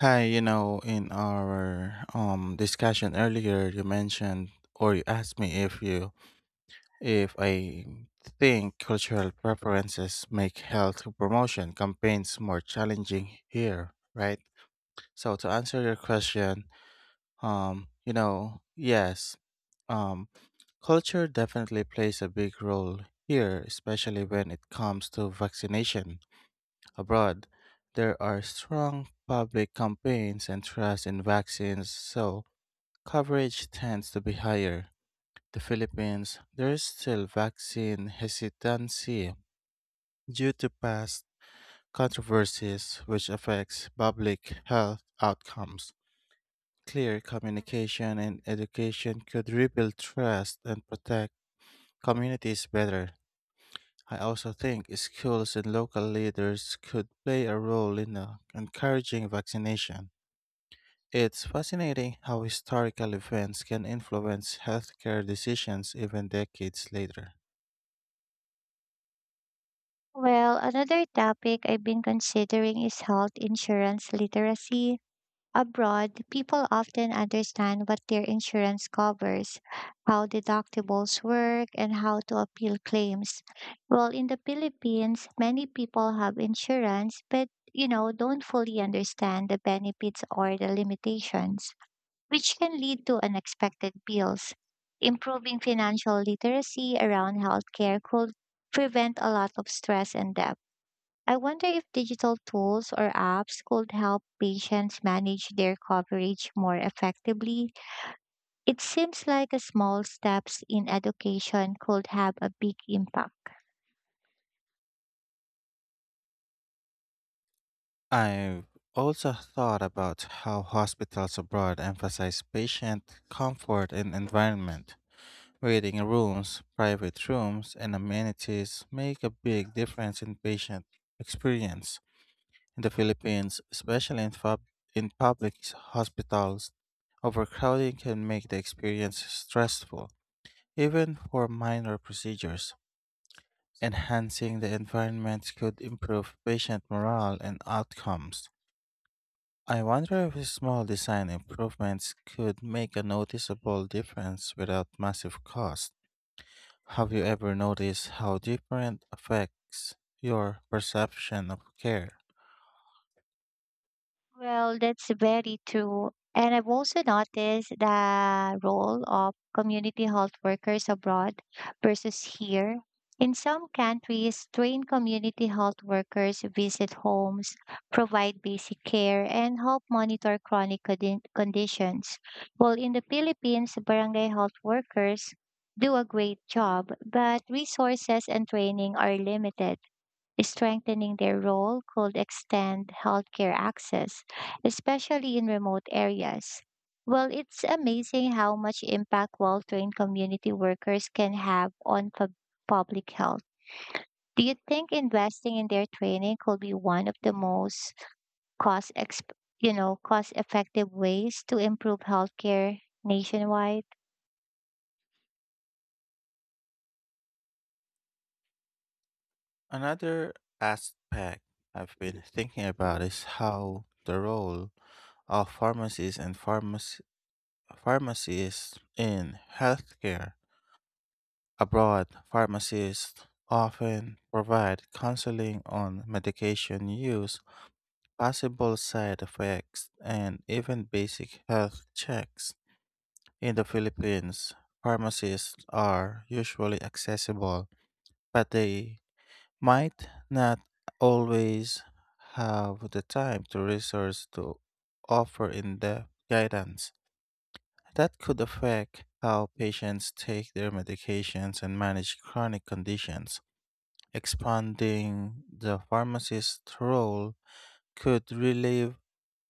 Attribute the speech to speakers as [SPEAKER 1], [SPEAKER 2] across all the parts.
[SPEAKER 1] Hi, in our discussion earlier, you mentioned or you asked me if I think cultural preferences make health promotion campaigns more challenging here, right? So to answer your question, yes, um, culture definitely plays a big role here, especially when it comes to vaccination. Abroad, there are strong public campaigns and trust in vaccines, so coverage tends to be higher. The Philippines, there is still vaccine hesitancy due to past controversies which affects public health outcomes. Clear communication and education could rebuild trust and protect communities better. I also think schools and local leaders could play a role in encouraging vaccination. It's fascinating how historical events can influence healthcare decisions even decades later.
[SPEAKER 2] Well, another topic I've been considering is health insurance literacy. Abroad, people often understand what their insurance covers, how deductibles work, and how to appeal claims. Well, in the Philippines, many people have insurance, but don't fully understand the benefits or the limitations, which can lead to unexpected bills. Improving financial literacy around healthcare could prevent a lot of stress and debt. I wonder if digital tools or apps could help patients manage their coverage more effectively. It seems like a small steps in education could have a big impact.
[SPEAKER 1] I've also thought about how hospitals abroad emphasize patient comfort and environment. Waiting rooms, private rooms, and amenities make a big difference in patient experience. In the Philippines, especially in public hospitals, overcrowding can make the experience stressful. Even for minor procedures, enhancing the environment could improve patient morale and outcomes. I wonder if small design improvements could make a noticeable difference without massive cost. Have you ever noticed how different affects your perception of care?
[SPEAKER 2] Well, that's very true. And I've also noticed the role of community health workers abroad versus here. In some countries, trained community health workers visit homes, provide basic care, and help monitor chronic conditions. While in the Philippines, barangay health workers do a great job, but resources and training are limited. Strengthening their role could extend healthcare access, especially in remote areas. Well, it's amazing how much impact well trained community workers can have on public health. Do you think investing in their training could be one of the most cost exp- you know, cost effective ways to improve healthcare nationwide?
[SPEAKER 1] Another aspect I've been thinking about is how the role of pharmacies and pharmacy pharmacists in healthcare. Abroad, pharmacists often provide counseling on medication use, possible side effects, and even basic health checks. In the Philippines, pharmacists are usually accessible, but they might not always have the time to resource to offer in-depth guidance. That could affect how patients take their medications and manage chronic conditions. Expanding the pharmacist's role could relieve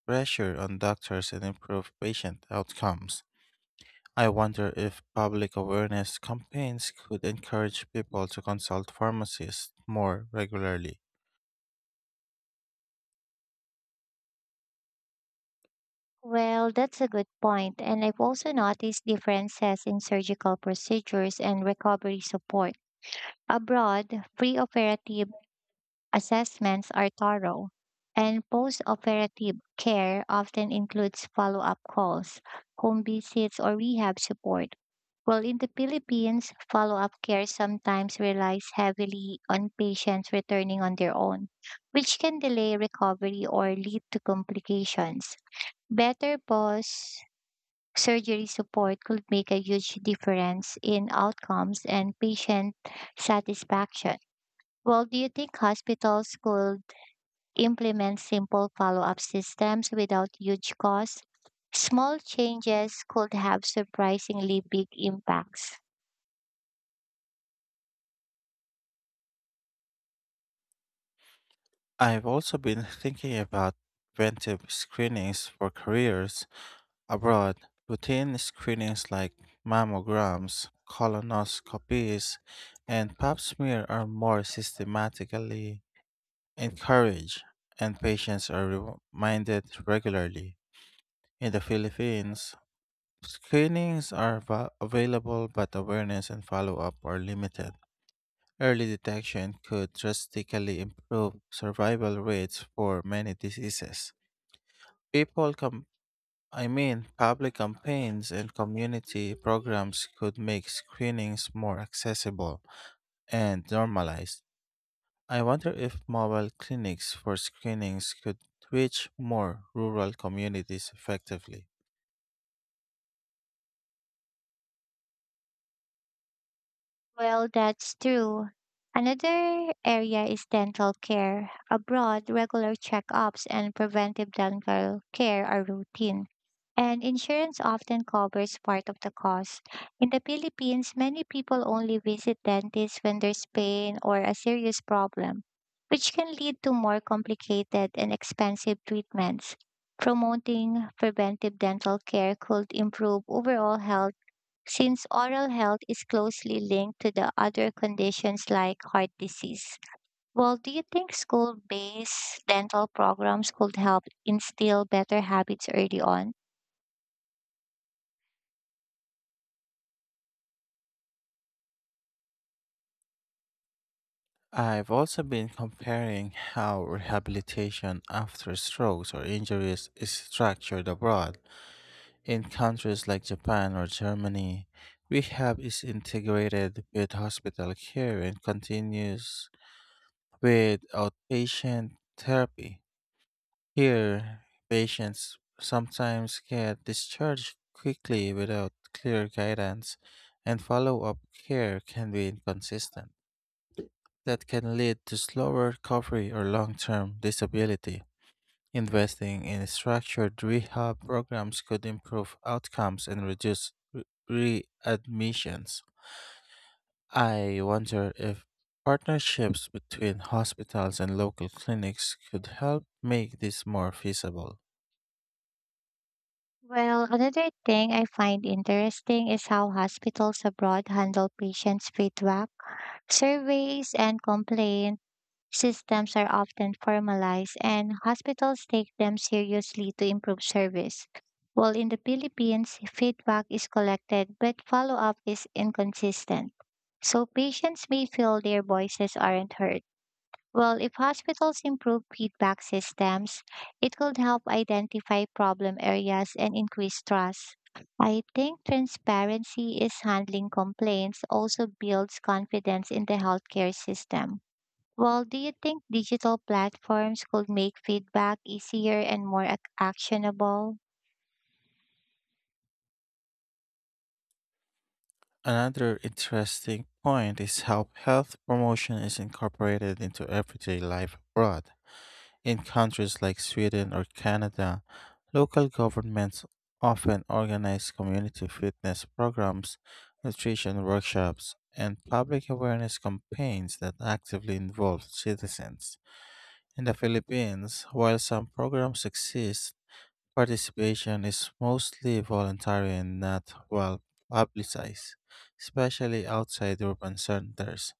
[SPEAKER 1] pressure on doctors and improve patient outcomes. I wonder if public awareness campaigns could encourage people to consult pharmacists more regularly.
[SPEAKER 2] Well, that's a good point, and I've also noticed differences in surgical procedures and recovery support. Abroad, preoperative assessments are thorough, and postoperative care often includes follow up calls, home visits, or rehab support. While in the Philippines, follow up care sometimes relies heavily on patients returning on their own, which can delay recovery or lead to complications. Better post surgery support could make a huge difference in outcomes and patient satisfaction. Well, do you think hospitals could implement simple follow up systems without huge costs? Small changes could have surprisingly big impacts.
[SPEAKER 1] I've also been thinking about preventive screenings for careers abroad. Routine screenings like mammograms, colonoscopies, and pap smear are more systematically Encourage and patients are reminded regularly. In the Philippines, screenings are available, but awareness and follow up are limited. Early detection could drastically improve survival rates for many diseases. People, com- I mean, Public campaigns and community programs could make screenings more accessible and normalized. I wonder if mobile clinics for screenings could reach more rural communities effectively.
[SPEAKER 2] Well, that's true. Another area is dental care. Abroad, regular checkups and preventive dental care are routine, and insurance often covers part of the cost. In the Philippines, many people only visit dentists when there's pain or a serious problem, which can lead to more complicated and expensive treatments. Promoting preventive dental care could improve overall health since oral health is closely linked to the other conditions like heart disease. Well, do you think school based dental programs could help instill better habits early on?
[SPEAKER 1] I've also been comparing how rehabilitation after strokes or injuries is structured abroad. In countries like Japan or Germany, rehab is integrated with hospital care and continues with outpatient therapy. Here, patients sometimes get discharged quickly without clear guidance, and follow up care can be inconsistent. That can lead to slower recovery or long term disability. Investing in structured rehab programs could improve outcomes and reduce readmissions. I wonder if partnerships between hospitals and local clinics could help make this more feasible.
[SPEAKER 2] Well, another thing I find interesting is how hospitals abroad handle patients' feedback, surveys, and complaints. Systems are often formalized and hospitals take them seriously to improve service. While in the Philippines, feedback is collected but follow up is inconsistent. So patients may feel their voices aren't heard. Well, if hospitals improve feedback systems, it could help identify problem areas and increase trust. I think transparency is handling complaints also builds confidence in the healthcare system. Well, do you think digital platforms could make feedback easier and more actionable?
[SPEAKER 1] Another interesting point is how health promotion is incorporated into everyday life abroad. In countries like Sweden or Canada, local governments often organize community fitness programs, nutrition workshops, and public awareness campaigns that actively involve citizens. In the Philippines, while some programs exist, participation is mostly voluntary and not well publicized, especially outside urban centers.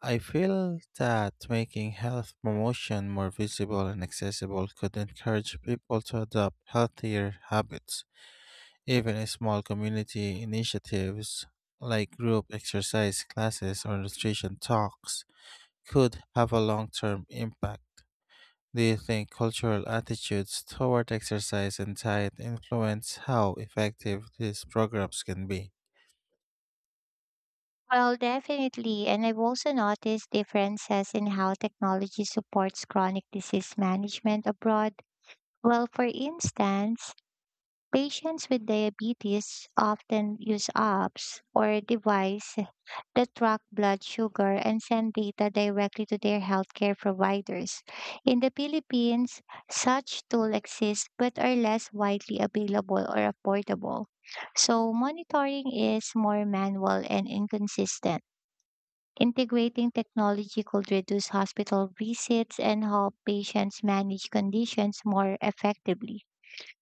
[SPEAKER 1] I feel that making health promotion more visible and accessible could encourage people to adopt healthier habits. Even in small community initiatives like group exercise classes or nutrition talks could have a long term impact. Do you think cultural attitudes toward exercise and diet influence how effective these programs can be?
[SPEAKER 2] Well, definitely. And I've also noticed differences in how technology supports chronic disease management abroad. Well, for instance, patients with diabetes often use apps or devices that track blood sugar and send data directly to their healthcare providers. In the Philippines, such tools exist but are less widely available or affordable. So, monitoring is more manual and inconsistent. Integrating technology could reduce hospital visits and help patients manage conditions more effectively.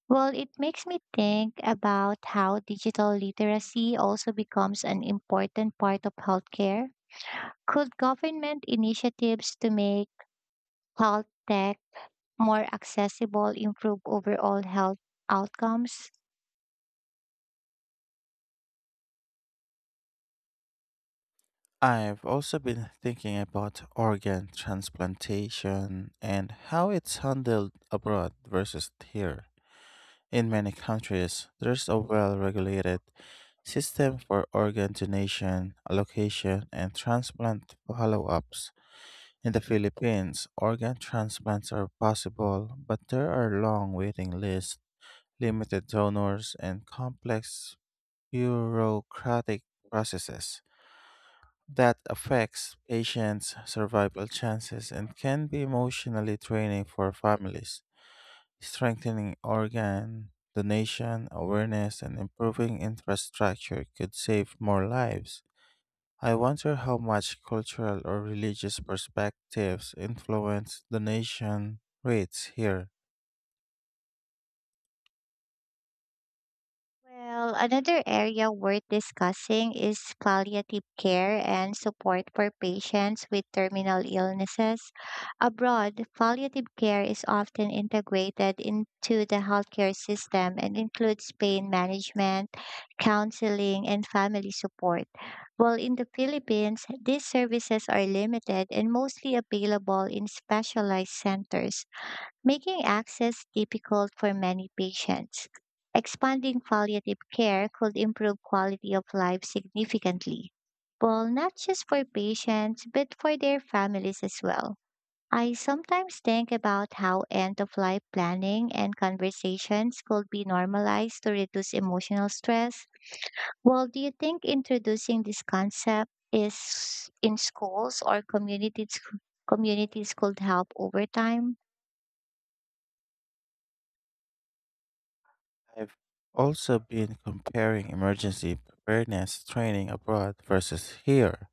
[SPEAKER 2] Well, it makes me think about how digital literacy also becomes an important part of healthcare. Could government initiatives to make health tech more accessible improve overall health outcomes?
[SPEAKER 1] I've also been thinking about organ transplantation and how it's handled abroad versus here. In many countries, there's a well regulated system for organ donation, allocation, and transplant follow ups. In the Philippines, organ transplants are possible, but there are long waiting lists, limited donors, and complex bureaucratic processes that affects patients' survival chances and can be emotionally draining for families. Strengthening organ donation awareness and improving infrastructure could save more lives. I wonder how much cultural or religious perspectives influence donation rates here.
[SPEAKER 2] Well, another area worth discussing is palliative care and support for patients with terminal illnesses. Abroad, palliative care is often integrated into the healthcare system and includes pain management, counseling, and family support. While in the Philippines, these services are limited and mostly available in specialized centers making access difficult for many patients. Expanding palliative care could improve quality of life significantly, well, not just for patients, but for their families as well. I sometimes think about how end of life planning and conversations could be normalized to reduce emotional stress. Well, do you think introducing this concept is in schools or communities could help over time?
[SPEAKER 1] I've also been comparing emergency preparedness training abroad versus here.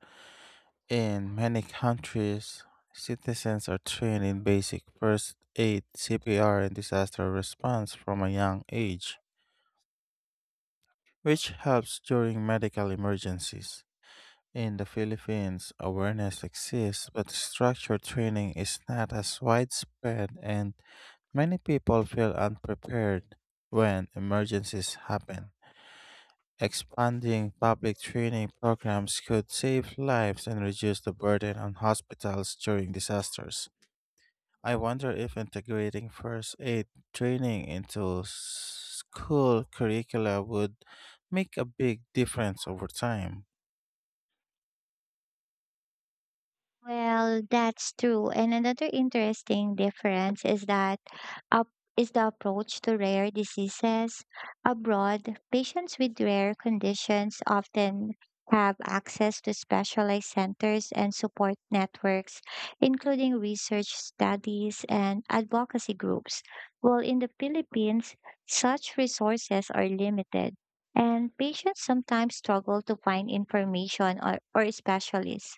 [SPEAKER 1] In many countries, citizens are trained in basic first aid, CPR, and disaster response from a young age, which helps during medical emergencies. In the Philippines, awareness exists, but structured training is not as widespread, and many people feel unprepared when emergencies happen. Expanding public training programs could save lives and reduce the burden on hospitals during disasters. I wonder if integrating first aid training into school curricula would make a big difference over time.
[SPEAKER 2] Well, that's true. And another interesting difference is that up is the approach to rare diseases. Abroad, patients with rare conditions often have access to specialized centers and support networks, including research studies and advocacy groups. While in the Philippines, such resources are limited, and patients sometimes struggle to find information or specialists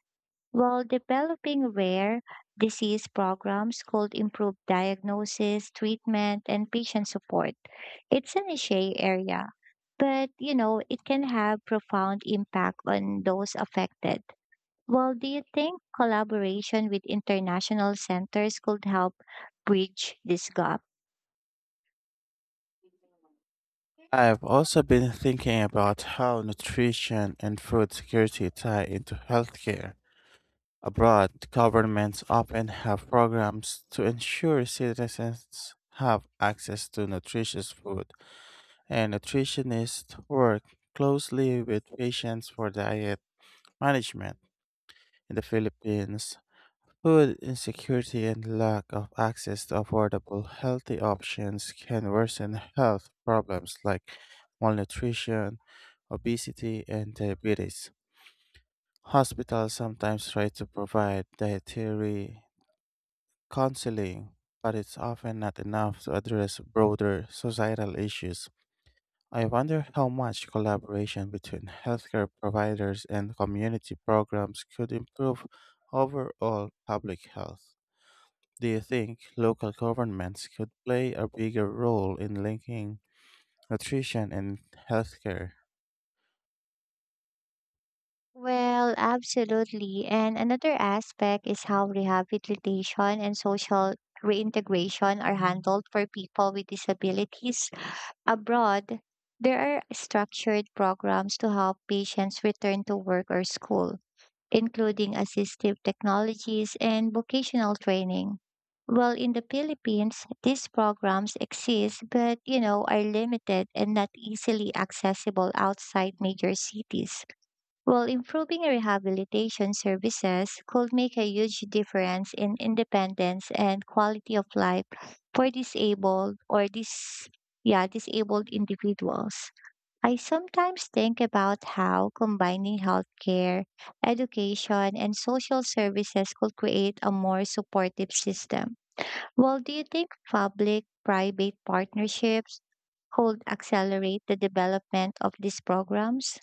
[SPEAKER 2] while developing rare disease programs could improve diagnosis, treatment, and patient support. It's an niche area, but it can have profound impact on those affected. Well, do you think collaboration with international centers could help bridge this gap?
[SPEAKER 1] I've also been thinking about how nutrition and food security tie into healthcare. Abroad, governments often have programs to ensure citizens have access to nutritious food, and nutritionists work closely with patients for diet management. In the Philippines, food insecurity and lack of access to affordable, healthy options can worsen health problems like malnutrition, obesity, and diabetes. Hospitals sometimes try to provide dietary counseling, but it's often not enough to address broader societal issues. I wonder how much collaboration between healthcare providers and community programs could improve overall public health. Do you think local governments could play a bigger role in linking nutrition and healthcare?
[SPEAKER 2] Well, absolutely. And another aspect is how rehabilitation and social reintegration are handled for people with disabilities. Abroad, there are structured programs to help patients return to work or school, including assistive technologies and vocational training. Well, in the Philippines, these programs exist, but are limited and not easily accessible outside major cities. While improving rehabilitation services could make a huge difference in independence and quality of life for disabled or dis yeah, disabled individuals. I sometimes think about how combining healthcare, education, and social services could create a more supportive system. Well, do you think public private partnerships could accelerate the development of these programs?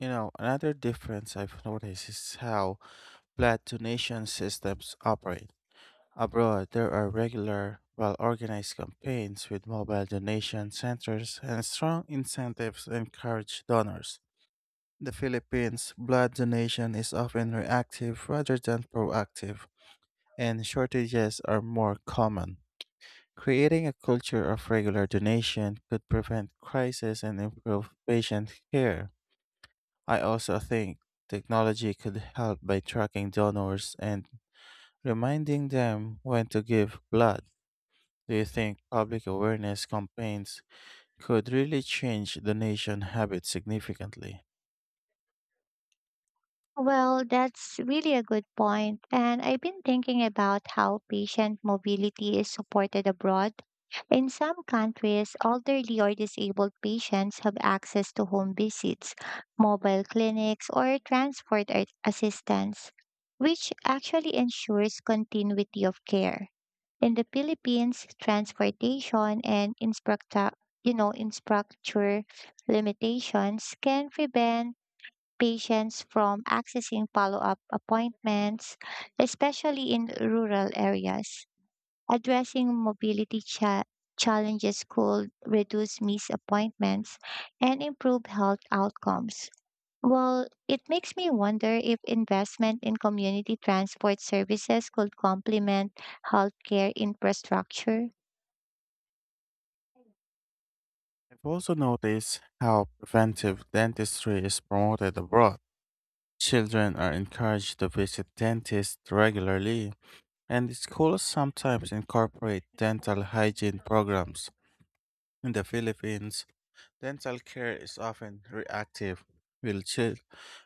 [SPEAKER 1] You know, another difference I've noticed is how blood donation systems operate. Abroad, there are regular, well organized campaigns with mobile donation centers and strong incentives to encourage donors. In the Philippines, blood donation is often reactive rather than proactive, and shortages are more common. Creating a culture of regular donation could prevent crises and improve patient care. I also think technology could help by tracking donors and reminding them when to give blood. Do you think public awareness campaigns could really change donation habits significantly?
[SPEAKER 2] Well, that's really a good point, and I've been thinking about how patient mobility is supported abroad. In some countries, elderly or disabled patients have access to home visits, mobile clinics, or transport assistance, which actually ensures continuity of care. In the Philippines, transportation and infrastructure limitations can prevent patients from accessing follow up appointments, especially in rural areas. Addressing challenges could reduce missed appointments and improve health outcomes. Well, it makes me wonder if investment in community transport services could complement healthcare infrastructure.
[SPEAKER 1] I've also noticed how preventive dentistry is promoted abroad. Children are encouraged to visit dentists regularly, and schools sometimes incorporate dental hygiene programs. In the Philippines, dental care is often reactive, with, chil-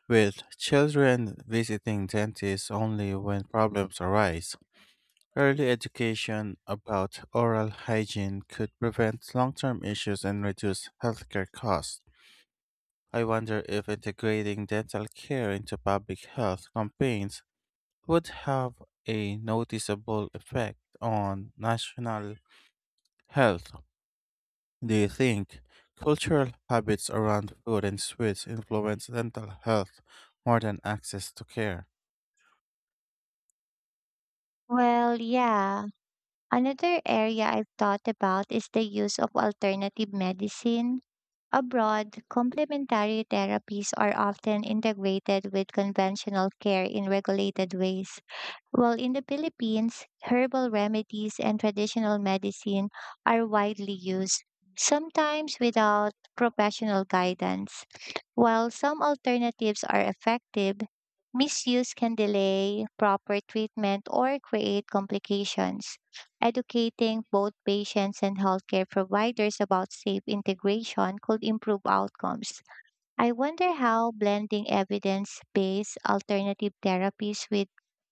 [SPEAKER 1] with children visiting dentists only when problems arise. Early education about oral hygiene could prevent long term issues and reduce healthcare costs. I wonder if integrating dental care into public health campaigns would have a noticeable effect on national health. Do you think cultural habits around food and sweets influence dental health more than access to care?
[SPEAKER 2] Well, yeah. Another area I've thought about is the use of alternative medicine. Abroad, complementary therapies are often integrated with conventional care in regulated ways. While in the Philippines, herbal remedies and traditional medicine are widely used, sometimes without professional guidance. While some alternatives are effective, misuse can delay proper treatment or create complications. Educating both patients and healthcare providers about safe integration could improve outcomes. I wonder how blending evidence based alternative therapies with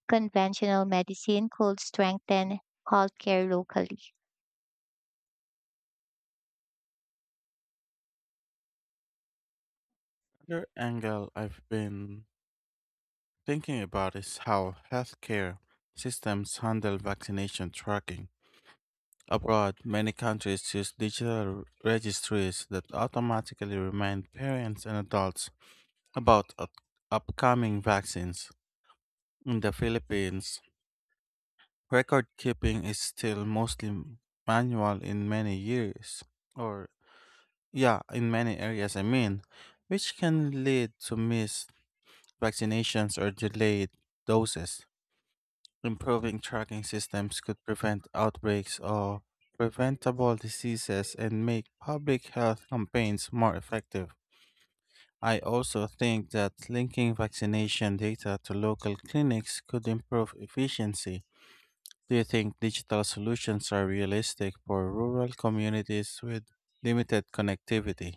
[SPEAKER 2] conventional medicine could strengthen healthcare locally.
[SPEAKER 1] Another angle I've been thinking about is how healthcare systems handle vaccination tracking. Abroad, many countries use digital registries that automatically remind parents and adults about upcoming vaccines. In the Philippines, record keeping is still mostly manual in many years, or yeah, in many areas, I mean, which can lead to missed vaccinations or delayed doses. Improving tracking systems could prevent outbreaks of preventable diseases and make public health campaigns more effective. I also think that linking vaccination data to local clinics could improve efficiency. Do you think digital solutions are realistic for rural communities with limited connectivity?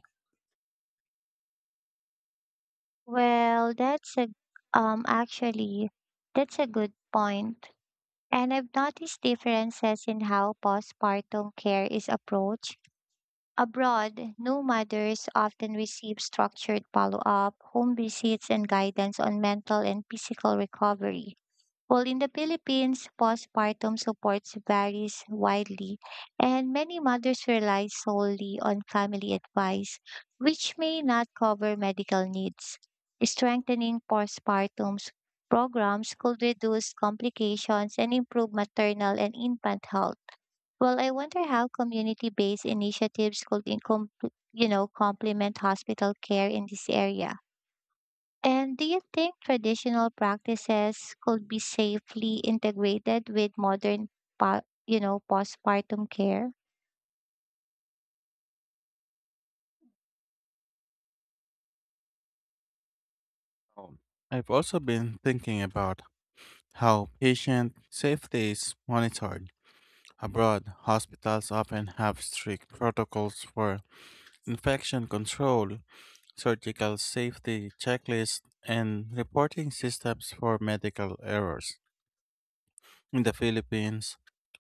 [SPEAKER 2] Well, um actually that's a good point. And I've noticed differences in how postpartum care is approached. Abroad, new mothers often receive structured follow-up, home visits, and guidance on mental and physical recovery. Well, in the Philippines, postpartum supports varies widely, and many mothers rely solely on family advice, which may not cover medical needs. Strengthening programs could reduce complications and improve maternal and infant health. Well, I wonder how community-based initiatives could complement hospital care in this area. And do you think traditional practices could be safely integrated with modern, postpartum care?
[SPEAKER 1] Um, I've also been thinking about how patient safety is monitored. Abroad, hospitals often have strict protocols for infection control, surgical safety checklists, and reporting systems for medical errors. In the Philippines,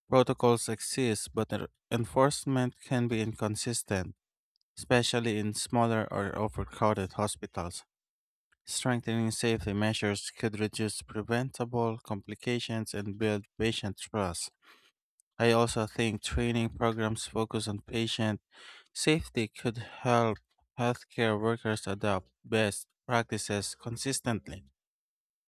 [SPEAKER 1] protocols exist, but their enforcement can be inconsistent, especially in smaller or overcrowded hospitals. Strengthening safety measures could reduce preventable complications and build patient trust. I also think training programs focused on patient safety could help healthcare workers adopt best practices consistently.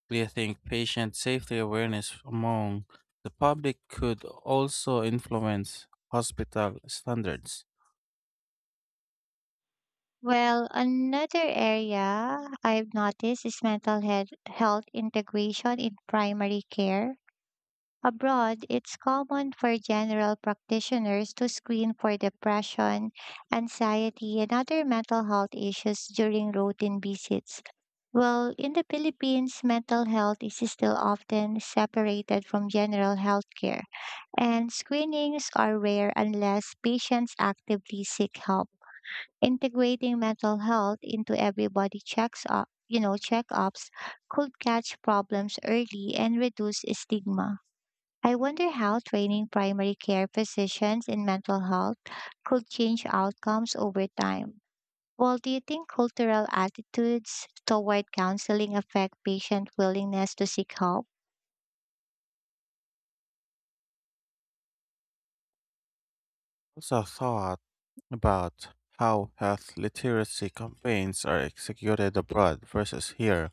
[SPEAKER 1] Do you think patient safety awareness among the public could also influence hospital standards?
[SPEAKER 2] Well, another area I've noticed is health integration in primary care. Abroad, it's common for general practitioners to screen for depression, anxiety, and other mental health issues during routine visits. Well, in the Philippines, mental health is still often separated from general health care, and screenings are rare unless patients actively seek help. Integrating mental health into everybody checks up, you know, checkups could catch problems early and reduce stigma. I wonder how training primary care physicians in mental health could change outcomes over time. Well, do you think cultural attitudes toward counseling affect patient willingness to seek help?
[SPEAKER 1] Also thought about how health literacy campaigns are executed abroad versus here.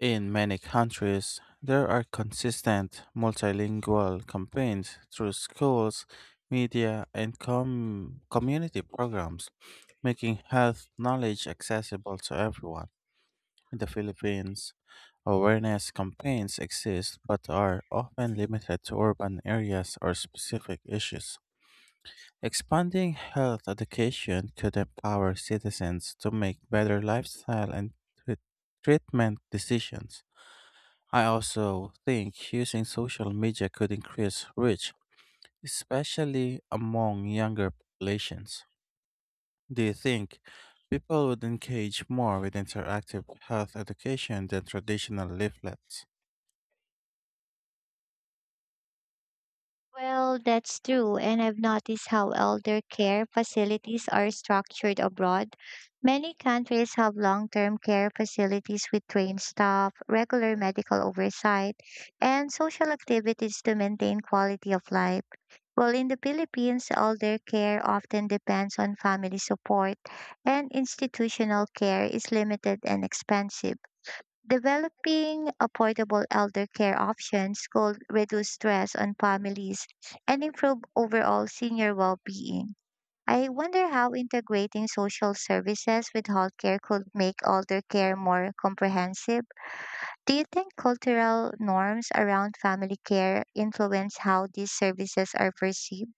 [SPEAKER 1] In many countries, there are consistent multilingual campaigns through schools, media, and community programs, making health knowledge accessible to everyone. In the Philippines, awareness campaigns exist but are often limited to urban areas or specific issues. Expanding health education could empower citizens to make better lifestyle and treat- treatment decisions. I also think using social media could increase reach, especially among younger populations. Do you think people would engage more with interactive health education than traditional leaflets?
[SPEAKER 2] Well, that's true, and I've noticed how elder care facilities are structured abroad. Many countries have long term care facilities with trained staff, regular medical oversight, and social activities to maintain quality of life. While in the Philippines, elder care often depends on family support, and institutional care is limited and expensive. Developing affordable elder care options could reduce stress on families and improve overall senior well being. I wonder how integrating social services with healthcare could make elder care more comprehensive. Do you think cultural norms around family care influence how these services are perceived?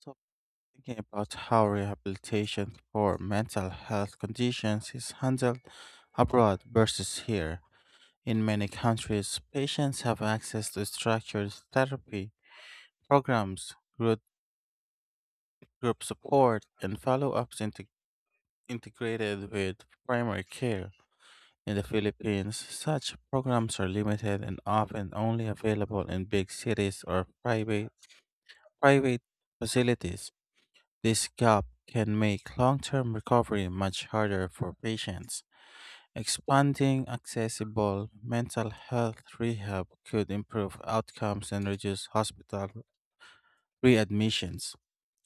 [SPEAKER 1] Stop thinking about how rehabilitation for mental health conditions is handled abroad versus here. In many countries, patients have access to structured therapy programs, group, group support, and follow ups integrated with primary care. In the Philippines, such programs are limited and often only available in big cities or private facilities. This gap can make long term recovery much harder for patients. Expanding accessible mental health rehab could improve outcomes and reduce hospital readmissions.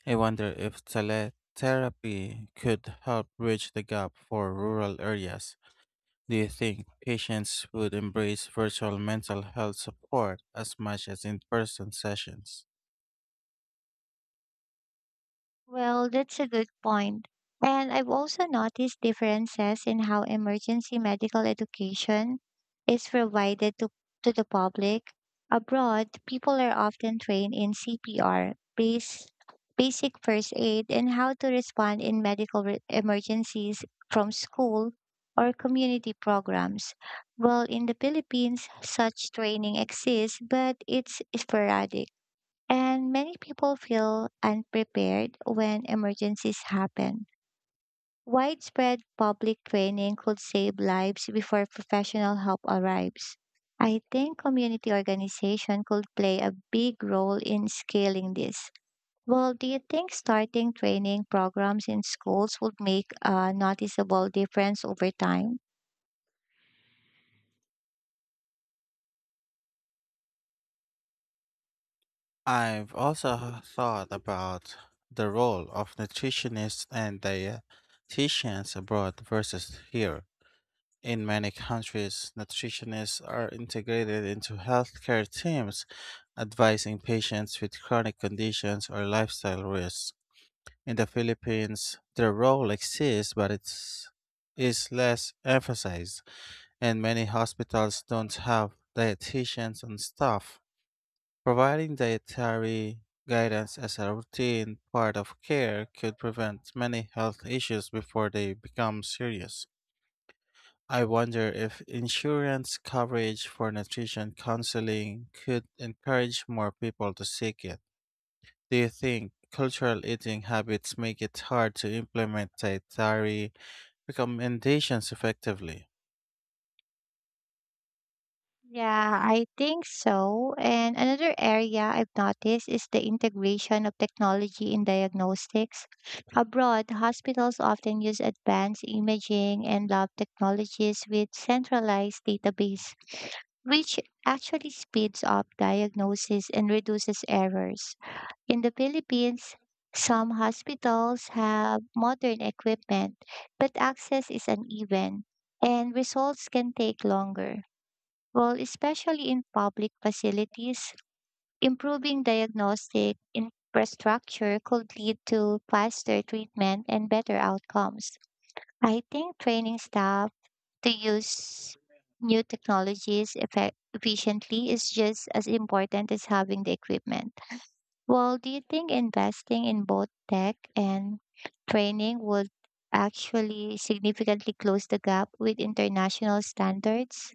[SPEAKER 1] I wonder if teletherapy could help bridge the gap for rural areas. Do you think patients would embrace virtual mental health support as much as in person sessions?
[SPEAKER 2] Well, that's a good point. And I've also noticed differences in how emergency medical education is provided to the public. Abroad, people are often trained in CPR, basic first aid, and how to respond in emergencies from school or community programs. While in the Philippines, such training exists, but it's sporadic. And many people feel unprepared when emergencies happen. Widespread public training could save lives before professional help arrives. I think community organization could play a big role in scaling this. Well, do you think starting training programs in schools would make a noticeable difference over time?
[SPEAKER 1] I've also thought about the role of nutritionists and dietitians abroad versus here. In many countries, nutritionists are integrated into healthcare teams, advising patients with chronic conditions or lifestyle risks. In the Philippines, their role exists, but it's is less emphasized, and many hospitals don't have dietitians on staff. Providing dietary guidance as a routine part of care could prevent many health issues before they become serious. I wonder if insurance coverage for nutrition counseling could encourage more people to seek it. Do you think cultural eating habits make it hard to implement dietary recommendations effectively?
[SPEAKER 2] Yeah, I think so. And another area I've noticed is the integration of technology in diagnostics. Abroad, hospitals often use advanced imaging and lab technologies with centralized database, which actually speeds up diagnosis and reduces errors. In the Philippines, some hospitals have modern equipment, but access is uneven and results can take longer well, especially in public facilities, improving diagnostic infrastructure could lead to faster treatment and better outcomes. I think training staff to use new technologies efficiently is just as important as having the equipment. Well, do you think investing in both tech and training would actually significantly close the gap with international standards?